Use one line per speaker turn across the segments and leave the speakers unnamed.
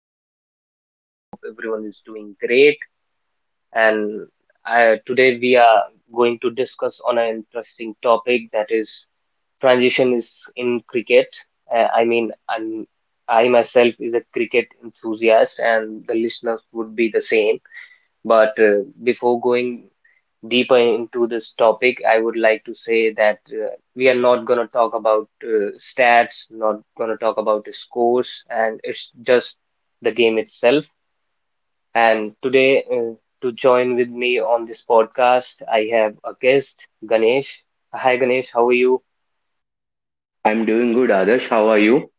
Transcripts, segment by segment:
host Adarsh. I hope everyone is doing great, and today we are going to discuss on an interesting topic, that is transition is in cricket. I mean, I myself is a cricket enthusiast and the listeners would be the same. But before going deeper into this topic, I would like to say that we are not going to talk about stats, not going to talk about the scores, and it's just the game itself. And today, to join with me on this podcast, I have a guest, Ganesh. Hi, Ganesh. How are you?
I'm doing good, Adarsh. How are you?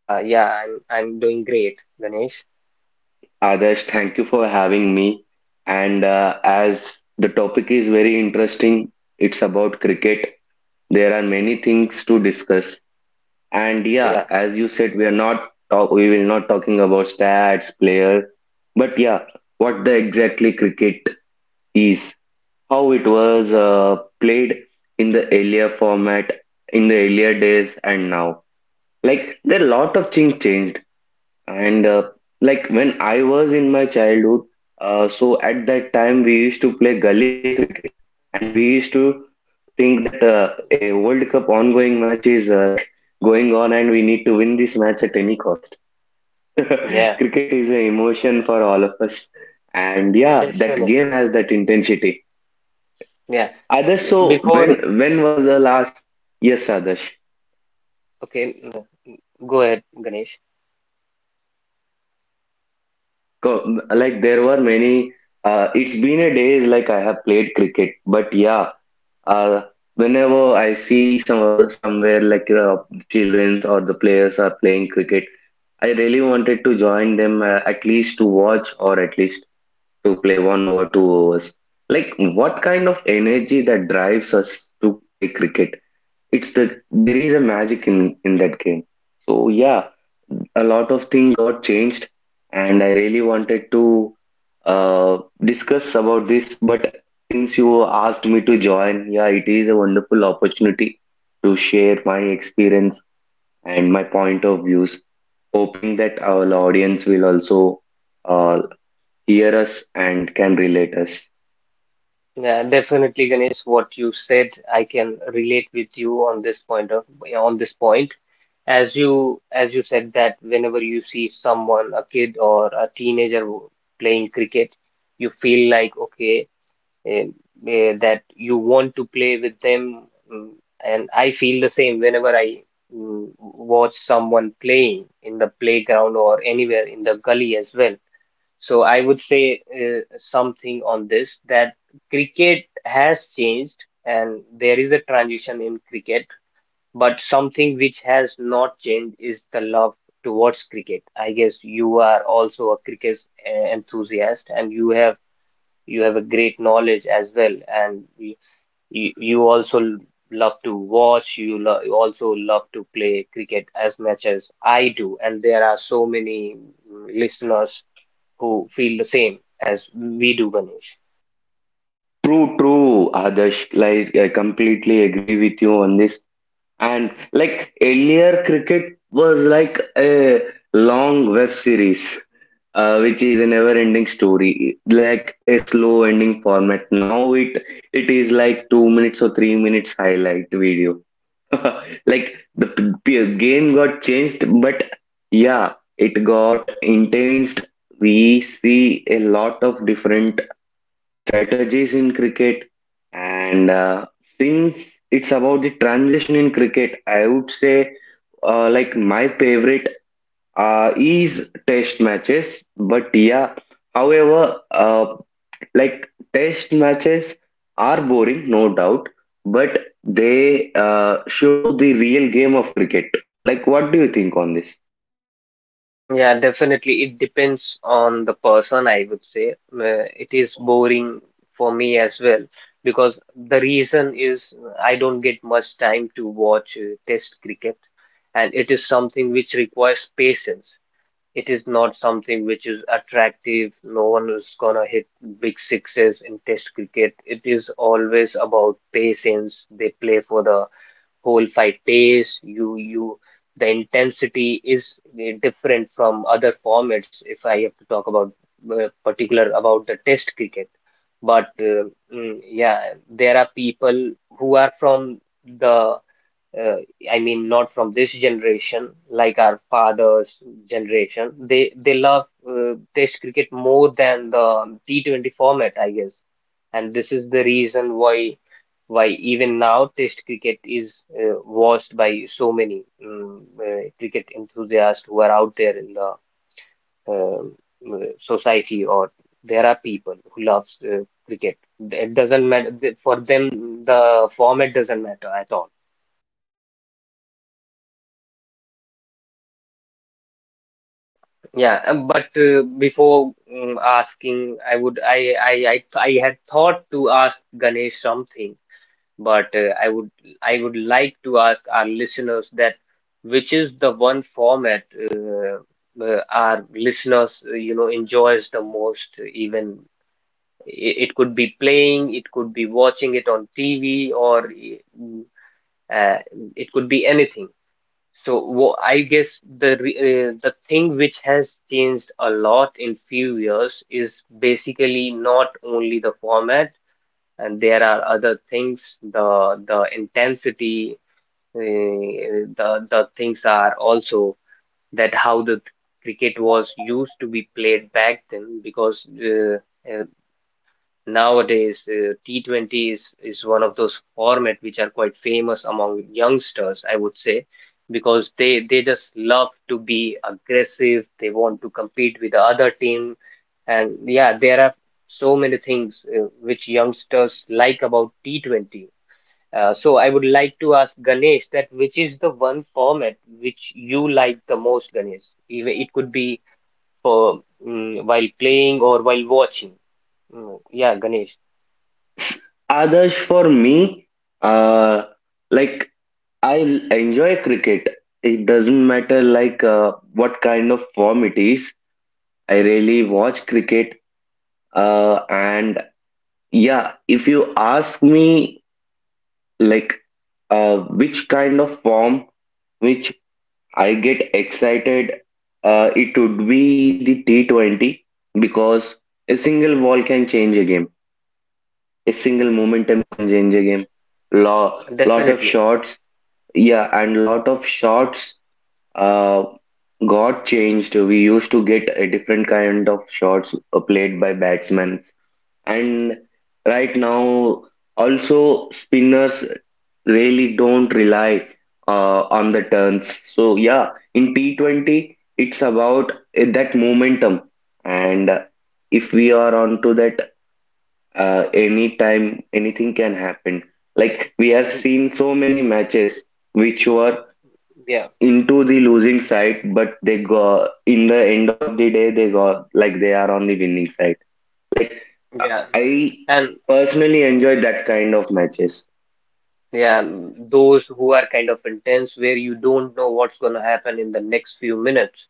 Yeah, I'm doing great, Ganesh.
Adarsh, thank you for having me. And as the topic is very interesting, it's about cricket. There are many things to discuss. And yeah,
Yeah,
as you said, we will not talking about stats, players, but yeah, what the exactly cricket is, how it was
yeah,
played in the earlier format, in the earlier days, and now. Like there are lot of things changed. And like when I was in my childhood, so at that time we used to play gully cricket, and we used to think that a World Cup ongoing match is like going on, and we need to win this match at any cost.
yeah,
Cricket is an emotion for all of us, and yeah, that game
definitely.
has that intensity.
Yeah.
Adarsh, so
Before,
when was the last? Yes, Adarsh.
okay, go ahead, Ganesh.
So, well, like, like there were many. It's been a days like I have played cricket, but yeah, uh, whenever I see somewhere like childrens or the players are playing cricket, I really wanted to join them at least to watch or at least to play one over two overs. Like, what kind of energy that drives us to play cricket? It's that there is a magic in that game. So yeah, a lot of things got changed, and I really wanted to uh, discuss about this. But since you asked me to join, yeah, it is a wonderful opportunity to share my experience and my point of views, hoping that our audience will also uh, hear us and can relate us.
Yeah, definitely, Ganesh, what you said, I can relate with you on this point. As you said, that whenever you see someone, a kid or a teenager playing cricket, you feel like okay, eh, that you want to play with them. mm, And I feel the same whenever I watch someone playing in the playground or anywhere in the gully as well. So I would say something on this, that cricket has changed and there is a transition in cricket, but something which has not changed is the love towards cricket. I guess you are also a cricket enthusiast, and you have a great knowledge as well, and you you also l- love to watch, you also love to play cricket as much as I do, and there are so many listeners who feel the same as we do, Ganesh.
True, true, Adarsh. Like I completely agree with you on this. And like earlier, cricket was like a long web series, which is a never-ending story, like a slow-ending format. Now it is like 2 minutes or 3 minutes highlight video. Like the game got changed, but yeah, it got intense. We see a lot of different strategies in cricket, and since it's about the transition in cricket, I would say like my favorite is test matches. But yeah, however, uh, like test matches are boring, no doubt, but they show the real game of cricket. Like, what do you think on this?
Yeah, definitely. It depends on the person, I would say. It is boring for me as well, because the reason is I don't get much time to watch test cricket, and it is something which requires patience. It is not something which is attractive. No one is gonna hit big sixes in test cricket. It is always about patience. They play for the whole 5 days. You you The intensity is different from other formats. If I have to talk about particular about the Test cricket, but yeah, there are people who are from the uh, I mean, not from this generation, like our father's generation. They love Test cricket more than the T20 format, I guess. And this is the reason why even now Test cricket is watched by so many cricket enthusiasts who are out there in the um, society, or there are people who loves cricket. It doesn't matter for them. The format doesn't matter at all.
Yes, Adarsh, yes. And like
Yeah, but
for
before
for many of us,
asking, I would
yes,
I
yes,
had
Adarsh.
thought to ask Ganesh
Mm-hmm.
something, but I would
You're up to
I would
something.
like to ask our listeners that which is the one format
Adarsh, yes.
our listeners enjoys the
Mm-hmm.
most. Even it could be playing, it could be watching it on TV, or uh, it could be anything. So I guess the thing which has changed a lot in few years is basically not only the format, and there are other things. The intensity, the things are also, that how the cricket was used to be played back then, because uh, nowadays, T20 is one of those format which are quite famous among youngsters, I would say, because they just love to be aggressive. They want to compete with the other team. And yeah, there are so many things which youngsters like about T20. So I would like to ask Ganesh that which is the one format which you like the most, Ganesh? Even it could be for while playing or while watching. Yeah, Ganesh.
Others for me, uh, like I enjoy cricket. It doesn't matter like what kind of form it is. I really watch cricket. And yeah, if you ask me like which kind of form which I get excited, it would be the T20 because a single ball can change a game. A single momentum can change a game. Lot of
Definitely.
shots, yeah, and lot of shots uh, got changed. We used to get a different kind of shots played by batsmen, and right now also spinners really don't rely on the turns. So yeah, in T20 it's about that momentum, and if we are onto that, anytime anything can happen. Like we have
Mm,
seen so many matches which were
Yeah,
into the losing side, but they go, in the end of the day they go like they are on the winning side. Like uh,
yeah.
I
And
personally enjoy that kind of matches.
yeah, those who are kind of intense where you don't know what's going to happen in the next few minutes.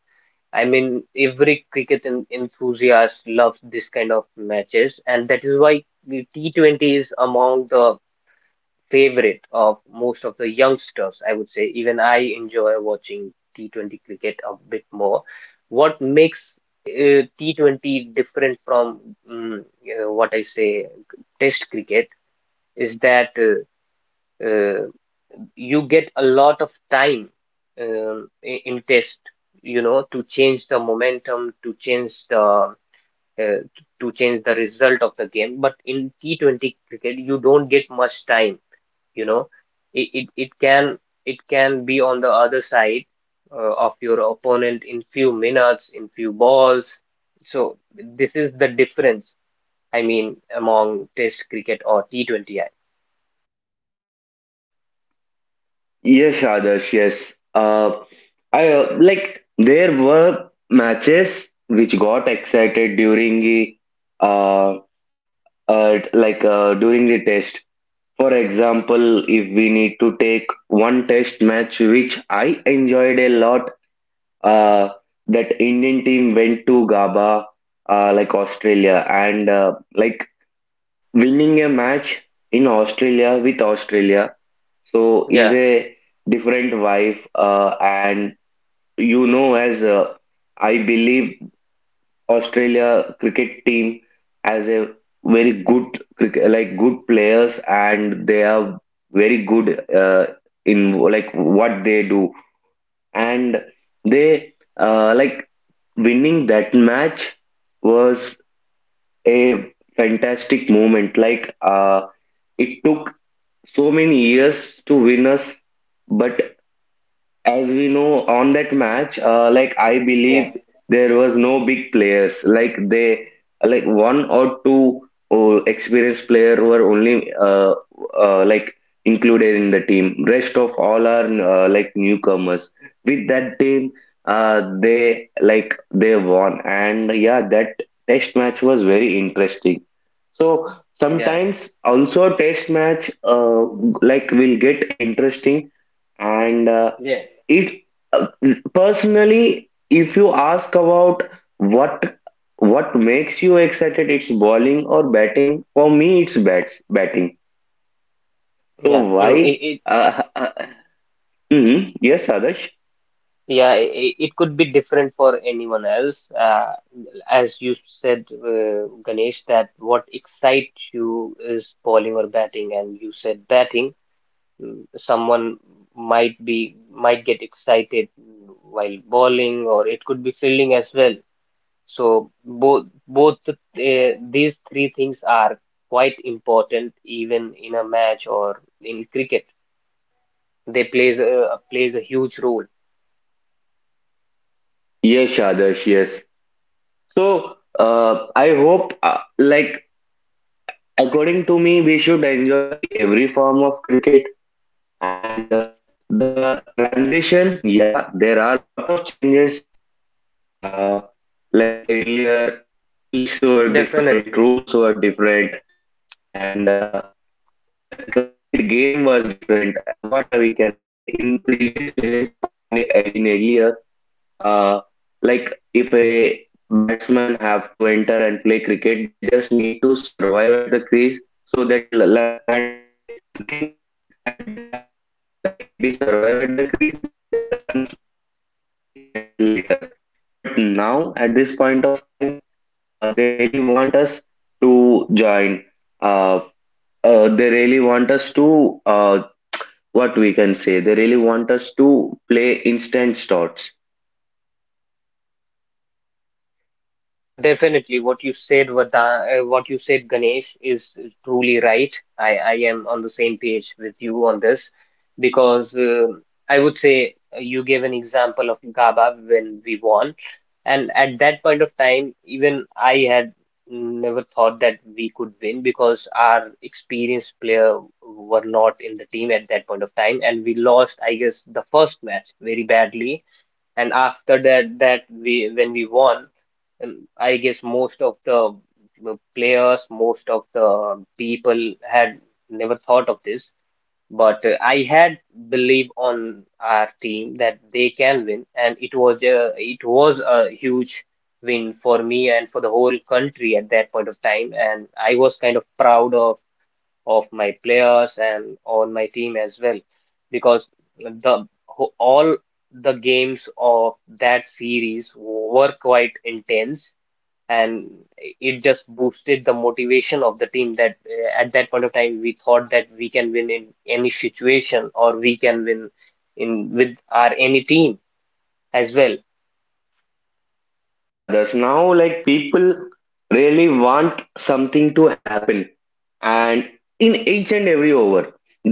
I mean, every cricket en enthusiast loves this kind of matches, and that is why the T20 is among the favorite of most of the youngsters, I would say. Even I enjoy watching T20 cricket a bit more. What makes T20 different from what I say test cricket is that uh, you get a lot of time in test, to change the momentum, uh, to change the result of the game. But in T20 cricket, you don't get much time, you know it, it it can be on the other side of your opponent in few minutes, in few balls. So this is the difference. I mean, among test cricket or T20. I
Yes, Adarsh, yes. I like there were matches which got excited during the uh, during the test. For example, if we need to take one test match which I enjoyed a lot, uh, that Indian team went to GABA, like Australia, and like winning a match in Australia with Australia, so is
Yeah,
a different vibe. And you know, as I believe Australia cricket team has a very good cricket, like good players, and they are very good uh, in like what they do. And they, like winning that match was a fantastic moment. Like it took so many years to win us, but as we know on that match, like I
yeah,
believe there was no big players, like they, like one or two experienced player were only like included in the team, rest of all are like newcomers. With that team, they, like they won, and yeah, that test match was very interesting. So
yeah,
sometimes also test match like will get interesting. And
yeah,
it uh, personally if you ask about what what makes you excited, it's bowling or batting. For me it's bats batting.
yeah.
So why,
mm, it
uh, mhm. Yes, Adarsh,
Yeah, it could be different for anyone else, as you said, Ganesh, that what excites you is bowling or batting, and you said batting. Someone might get excited while bowling, or it could be fielding as well. So both both these three things are quite important, even in a match or in cricket. They plays a huge role.
yes, Adarsh, yes. So I hope like according to me we should enjoy every form of cricket. And the transition, yeah, there are a lot of changes. Uh, like earlier, pitches were different, rules
Definitely.
were different, and the complete game was different. What we can say in previous days or in earlier, uh, like if a batsman have to enter and play cricket, they just need to survive at the crease. So that and the thinking at that time was like if we survive at the crease, that runs can be made later. But now at this point of time, they really want us to join, uh, they really want us to what we can say they really want us to play instant shots.
Yeah, definitely. What you said, Ganesh, is truly right. I am on the same page with you on this, because I would say you gave an example of GABA when we won. And at that point of time, even I had never thought that we could win, because our experienced player were not in the team at that point of time. And we lost, I guess, the first match very badly, and after that, that we when we won, I guess most of the players, most of the people had never thought of this, but I had belief on our team that they can win, and it was a huge win for me and for the whole country at that point of time, and I was kind of proud of my players and on my team as well, because all the games of that series were quite intense, and it just boosted the motivation of the team, that at that point of time we thought that we can win in any situation, or we can win in with our any team as well.
Others now, like people really want something to happen and in each and every over,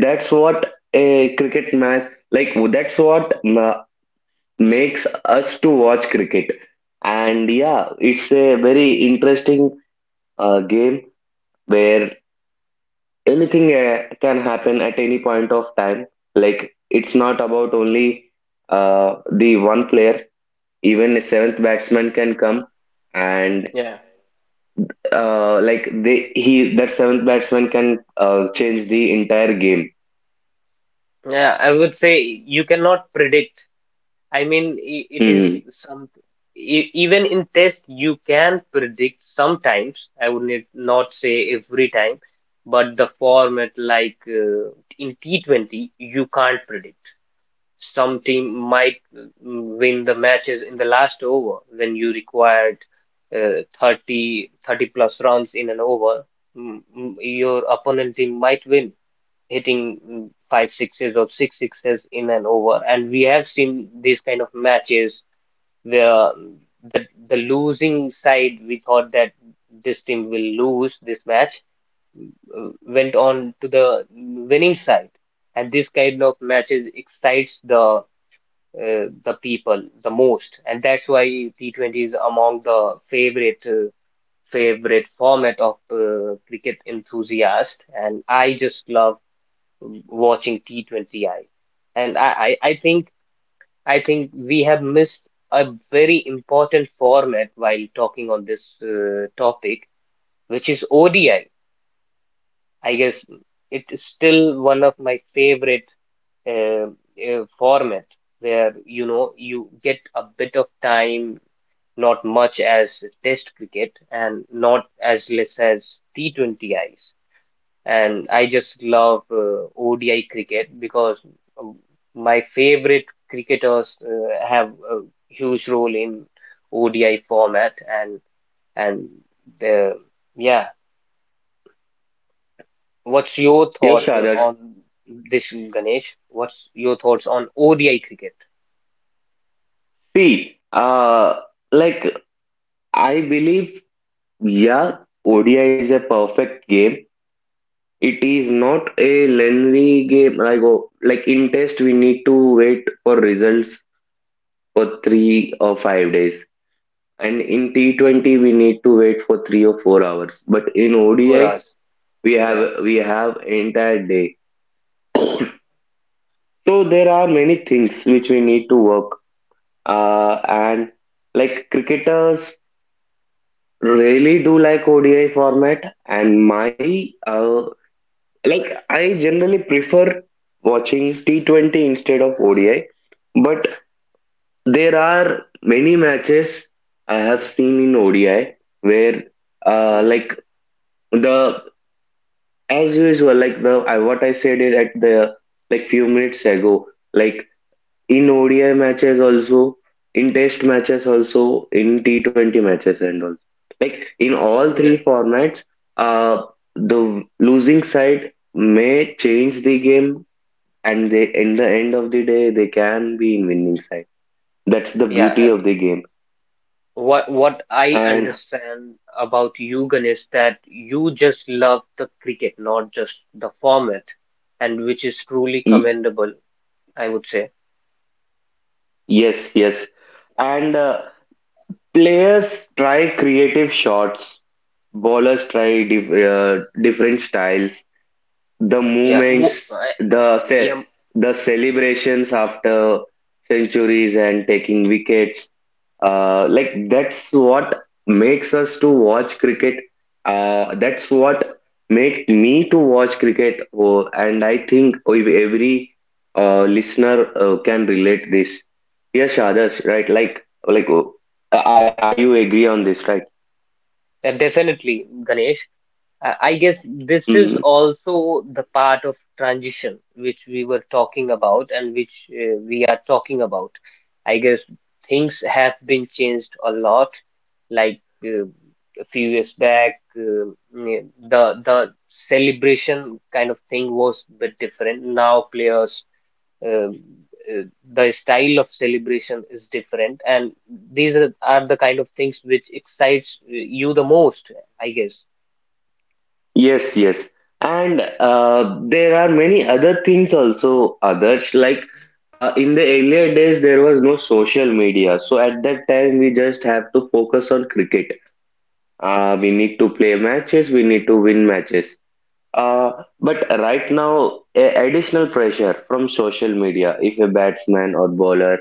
that's what a cricket match, like that's what makes us to watch cricket. And yeah, it's a very interesting game where anything can happen at any point of time. Like, it's not about only the one player. Even a seventh batsman can come, and
Yeah.
like they he, that seventh batsman can change the entire game.
Yeah, I would say you cannot predict. I mean, I- it is
Hmm.
some e- even in test you can predict sometimes. I would not say every time, but the format like in T20 you can't predict. Some team might win the matches in the last over, when you required 30 thirty plus runs in an over. Your opponent team might win hitting five sixes or six sixes in an over. And we have seen these kind of matches where the losing side, we thought that this team will lose this match, mm, went on to the winning side. And this kind of matches excites the people the most, and that's why T20 is among the favorite format of cricket enthusiasts. And I just love watching T20I. And I think we have missed a very important format while talking on this topic, which is ODI. I guess it is still one of my favorite uh, format, where you get a bit of time, not much as Test cricket and not as less as T20Is. And I just love ODI cricket, because um, my favorite cricketers have a huge role in ODI format, and uh, yeah. What's your
Yes,
thought
Adarsh.
on this, Ganesh? What's your thoughts on ODI cricket
See, like I believe, yeah, ODI is a perfect game. It is not a lengthy game. Like oh, like in test, we need to wait for results for 3 or 5 days, and in T20 we need to wait for 3 or 4 hours. But in
for
ODI,
us?
we have
Yeah,
we have entire day. So there are many things which we need to work, and like cricketers really do like ODI format. And my, like I generally prefer watching T20 instead of ODI, but there are many matches I have seen in ODI where,
yeah,
like the as usual like the I what I said it at the like few minutes ago. Like in ODI matches also, in test matches also, in T20 matches and all. Like in all three
yeah,
formats, uh, the losing side may change the game, and they, in the end of the day they can be in winning side. That's the beauty
yeah.
of the game.
What I
And
understand about you, Ganesh, that you just love the cricket, not just the format, and which is truly
y-
commendable, I would say.
yes, yes. And players try creative shots. Bowlers try different styles, the
Yeah,
movements, the
yeah,
the celebrations after centuries and taking wickets. Like that's what makes us to watch cricket. That's what makes me to watch cricket. Oh, and I think if every listener can relate this. Yes, Adarsh, right? Like, oh, you agree on this, right?
definitely, Ganesh. I guess this is
Mm-hmm.
also the part of transition which we were talking about, and which we are talking about. I guess things have been changed a lot, like a few years back, the celebration kind of thing was a bit different. Now players, um, uh, the style of celebration is different, and these are the kind of things which excites you the most, I guess.
Yes, yes. And there are many other things also, others like in the earlier days, there was no social media. So at that time, we just have to focus on cricket. We need to play matches, we need to win matches. But right now, a additional pressure from social media if a batsman or bowler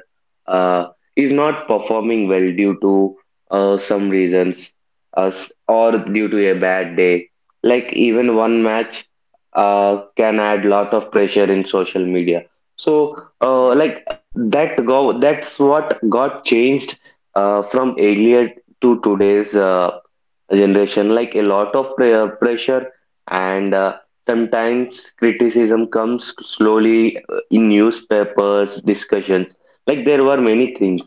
uh, is not performing well due to some reasons, or due to a bad day. Like even one match can add lot of pressure in social media. So
Yeah.
like that's what got changed from earlier to today's generation. Like a lot of pressure, and sometimes criticism comes slowly in newspapers discussions, like there were many things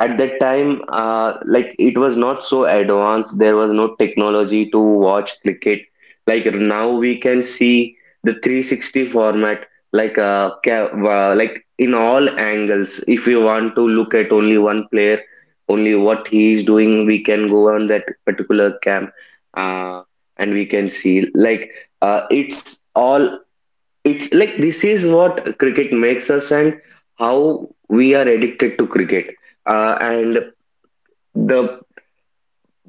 at that time. Like it was not so advanced. There was no technology to watch cricket. Like now we can see the 360 format, like like in all angles. If we want to look at only one player, only what he is doing, we can go on that particular cam, uh, and we can see. Like uh, it's all it's like this is what cricket makes us, and how we are addicted to cricket. And the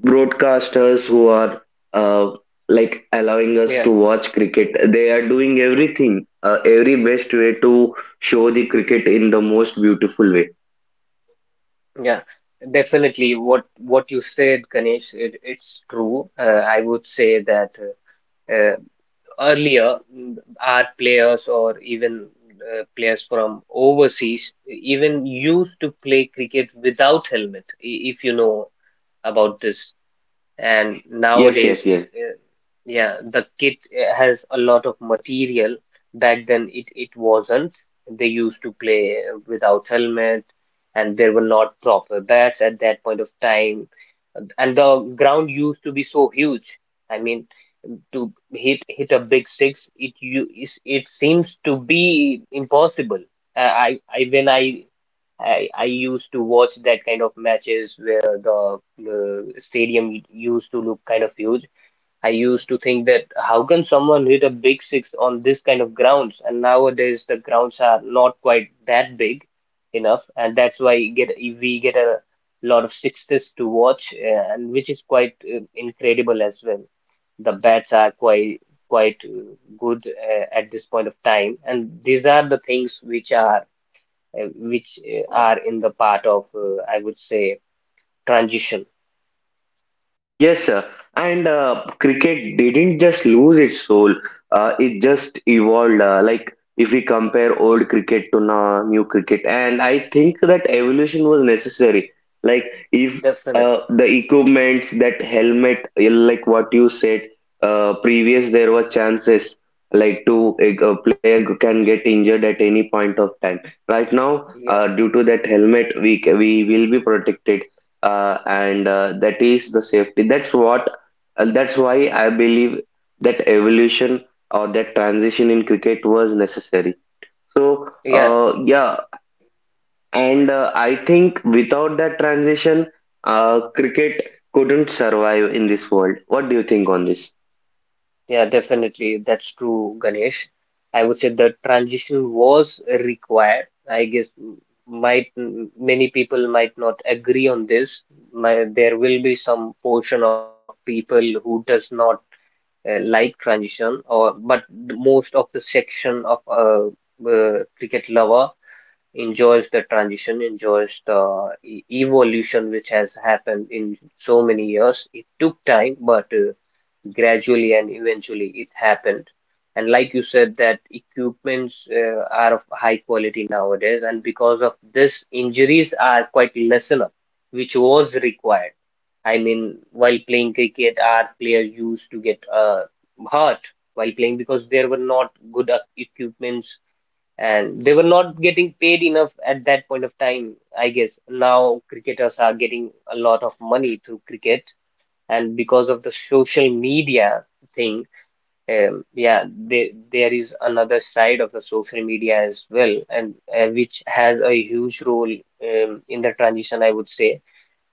broadcasters who are, uh, like allowing us
Yeah.
to watch cricket, they are doing everything, every best way to show the cricket in the most beautiful way.
Yeah, definitely. What you said, Ganesh, it's true. I would say that uh, uh, earlier our players, or even players from overseas, even used to play cricket without helmet, if you know about this, and
Yes, yes,
nowadays,
yes.
uh, yeah, the kit has a lot of material. Back then, it wasn't. They used to play without helmet, and there were not proper bats at that point of time. And the ground used to be so huge. I mean, to hit a big six, it you is it seems to be impossible. I when I used to watch that kind of matches where the stadium used to look kind of huge. I used to think that how can someone hit a big six on this kind of grounds? And nowadays the grounds are not quite that big enough, and that's why you get we get a lot of sixes to watch, and which is quite incredible as well. The bats are quite good at this point of time, and these are the things which are which are in the part of, I would say, transition.
Yes, sir. And cricket didn't just lose its soul, it just evolved. Like, if we compare old cricket to now, new cricket, and I think that evolution was necessary. Like, if
Definitely.
the equipments, that helmet, like what you said, previous there were chances like to, a player can get injured at any point of time. Right now,
Yeah.
due to that helmet, we we will be protected, and that is the safety, that's what, that's why I believe that evolution or that transition in cricket was necessary. So
Yeah,
yeah, and I think without that transition, cricket couldn't survive in this world. What do you think on this?
yeah, definitely. That's true, Ganesh. I would say the transition was required. I guess many people might not agree on this. My, there will be some portion of people who does not like transition, or but the most of the section of cricket lover enjoys the transition, enjoys the evolution which has happened in so many years. It took time, but gradually and eventually it happened. And like you said, that equipments are of high quality nowadays, and because of this, injuries are quite lessen up, which was required. I mean, while playing cricket, our players used to get hurt while playing because there were not good equipments and they were not getting paid enough at that point of time, I guess. Now cricketers are getting a lot of money through cricket, and because of the social media thing, yeah, they, there is another side of the social media as well, and which has a huge role in the transition, I would say,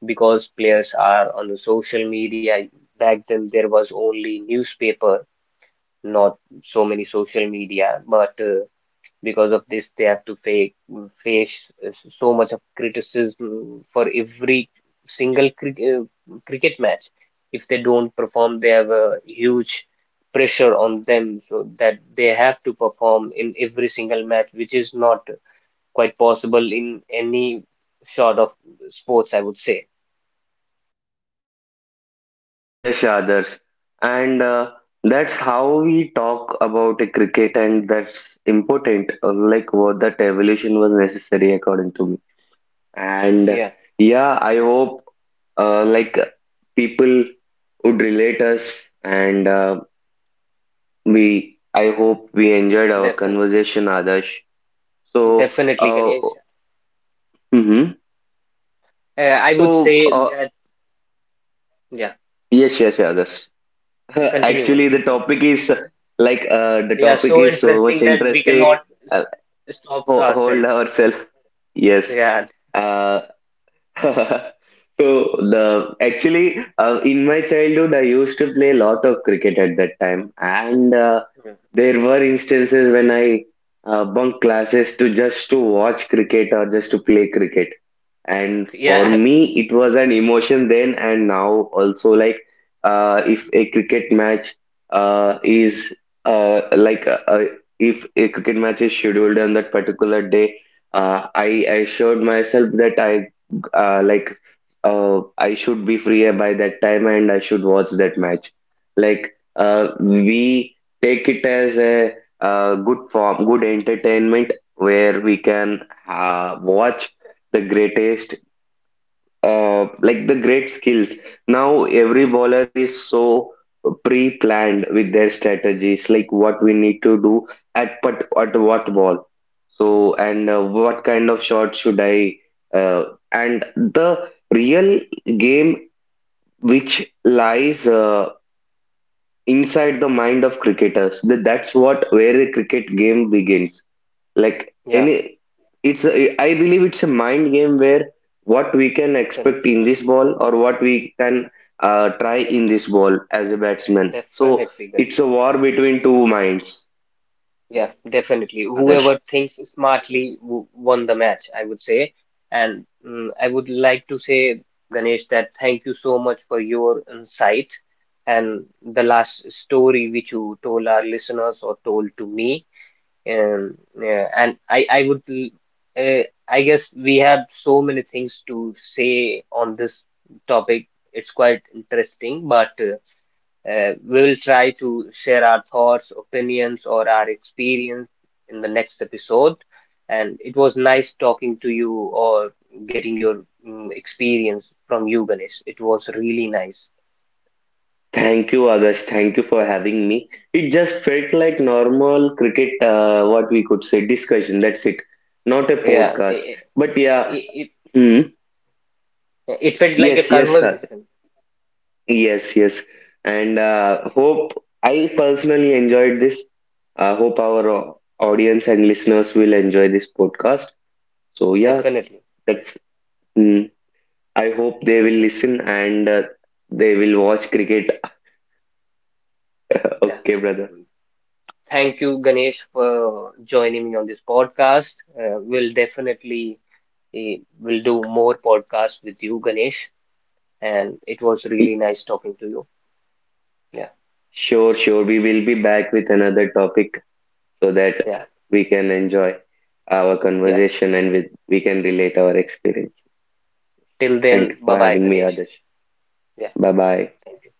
because players are on the social media. Back then, there was only newspaper, not so many social media, but because of this, they have to fa face so much of criticism for every single cricket match. If they don't perform, they have a huge pressure on them so that they have to perform in every single match, which is not quite possible in any sort of sports, I would say.
Yes, yes, others. And that's how we talk about a cricket, and that's important, like what, that evolution was necessary according to me. And
Yeah,
yeah, I hope like people would relate us, and we I hope we enjoyed our
definitely,
conversation, Adarsh. So,
definitely, Ganesh.
mhm.
I would
So,
say that, yeah,
yes, yes, yeah, Adarsh.
continue,
Actually,
Ganesh,
the
continue.
topic is,
Yeah, so
so much
interesting that we
interesting.
cannot
Uh,
stop
Hold
ourselves.
ourselves. Yes.
Yeah,
uh. So the actually, in my childhood I used to play a lot of cricket at that time. And
yeah,
there were instances when I, bunk classes to just to watch cricket or just to play cricket. And for
yeah,
me it was an emotion then, and now also like if a cricket match is like if a cricket match is scheduled on that particular day, I assured myself that I, like I should be free by that time and I should watch that match. Like we take it as a good form, good entertainment where we can watch the greatest, like the great skills. Now every bowler is so pre-planned with their strategies, like what we need to do at but at what ball. So and what kind of shot should I? Uh, and the real game which lies inside the mind of cricketers. That's what where the cricket game begins, like
yeah,
any, I believe it's a mind game where what we can expect
definitely.
in this ball or what we can try
Yeah,
in this ball as a batsman, so
definitely,
it's
Ganesh.
a war between two minds.
Yeah, definitely.
Adesh.
Whoever thinks smartly won the match, I would say. And I would like to say, Ganesh, that thank you so much for your insight and the last story which you told our listeners or told to me. Um, yeah, and I uh, I guess we have so many things to say on this topic. It's quite interesting, but we will try to share our thoughts, opinions, or our experience in the next episode. And it was nice talking to you or getting your experience from you, Ganesh. It was really nice.
Thank you, Adesh. Thank you for having me. It just felt like normal cricket, what we could say, discussion. That's it. Not a
Yeah,
podcast.
it,
But yeah,
it,
hmm.
it felt like a
Yes, yes, sir.
conversation,
Yes, yes. And hope I personally enjoyed this. Hope our audience and listeners will enjoy this podcast. So yeah,
definitely.
that's. Mm, I hope they will
Okay.
listen,
So,
and they will watch cricket.
yeah.
Okay, brother.
Thank you, Ganesh, for joining me on this podcast. We'll definitely will do more podcasts with you, Ganesh. And it was really
Y-
nice talking to you. Yeah,
Sure, sure. We will be back with another topic so that
yeah,
we can enjoy our
yeah.
conversation, and with, we can relate our experience.
Till
Thank you
then, bye
for
bye,
having me,
Ganesh.
Adarsh.
Yeah.
Bye bye.
Thank you.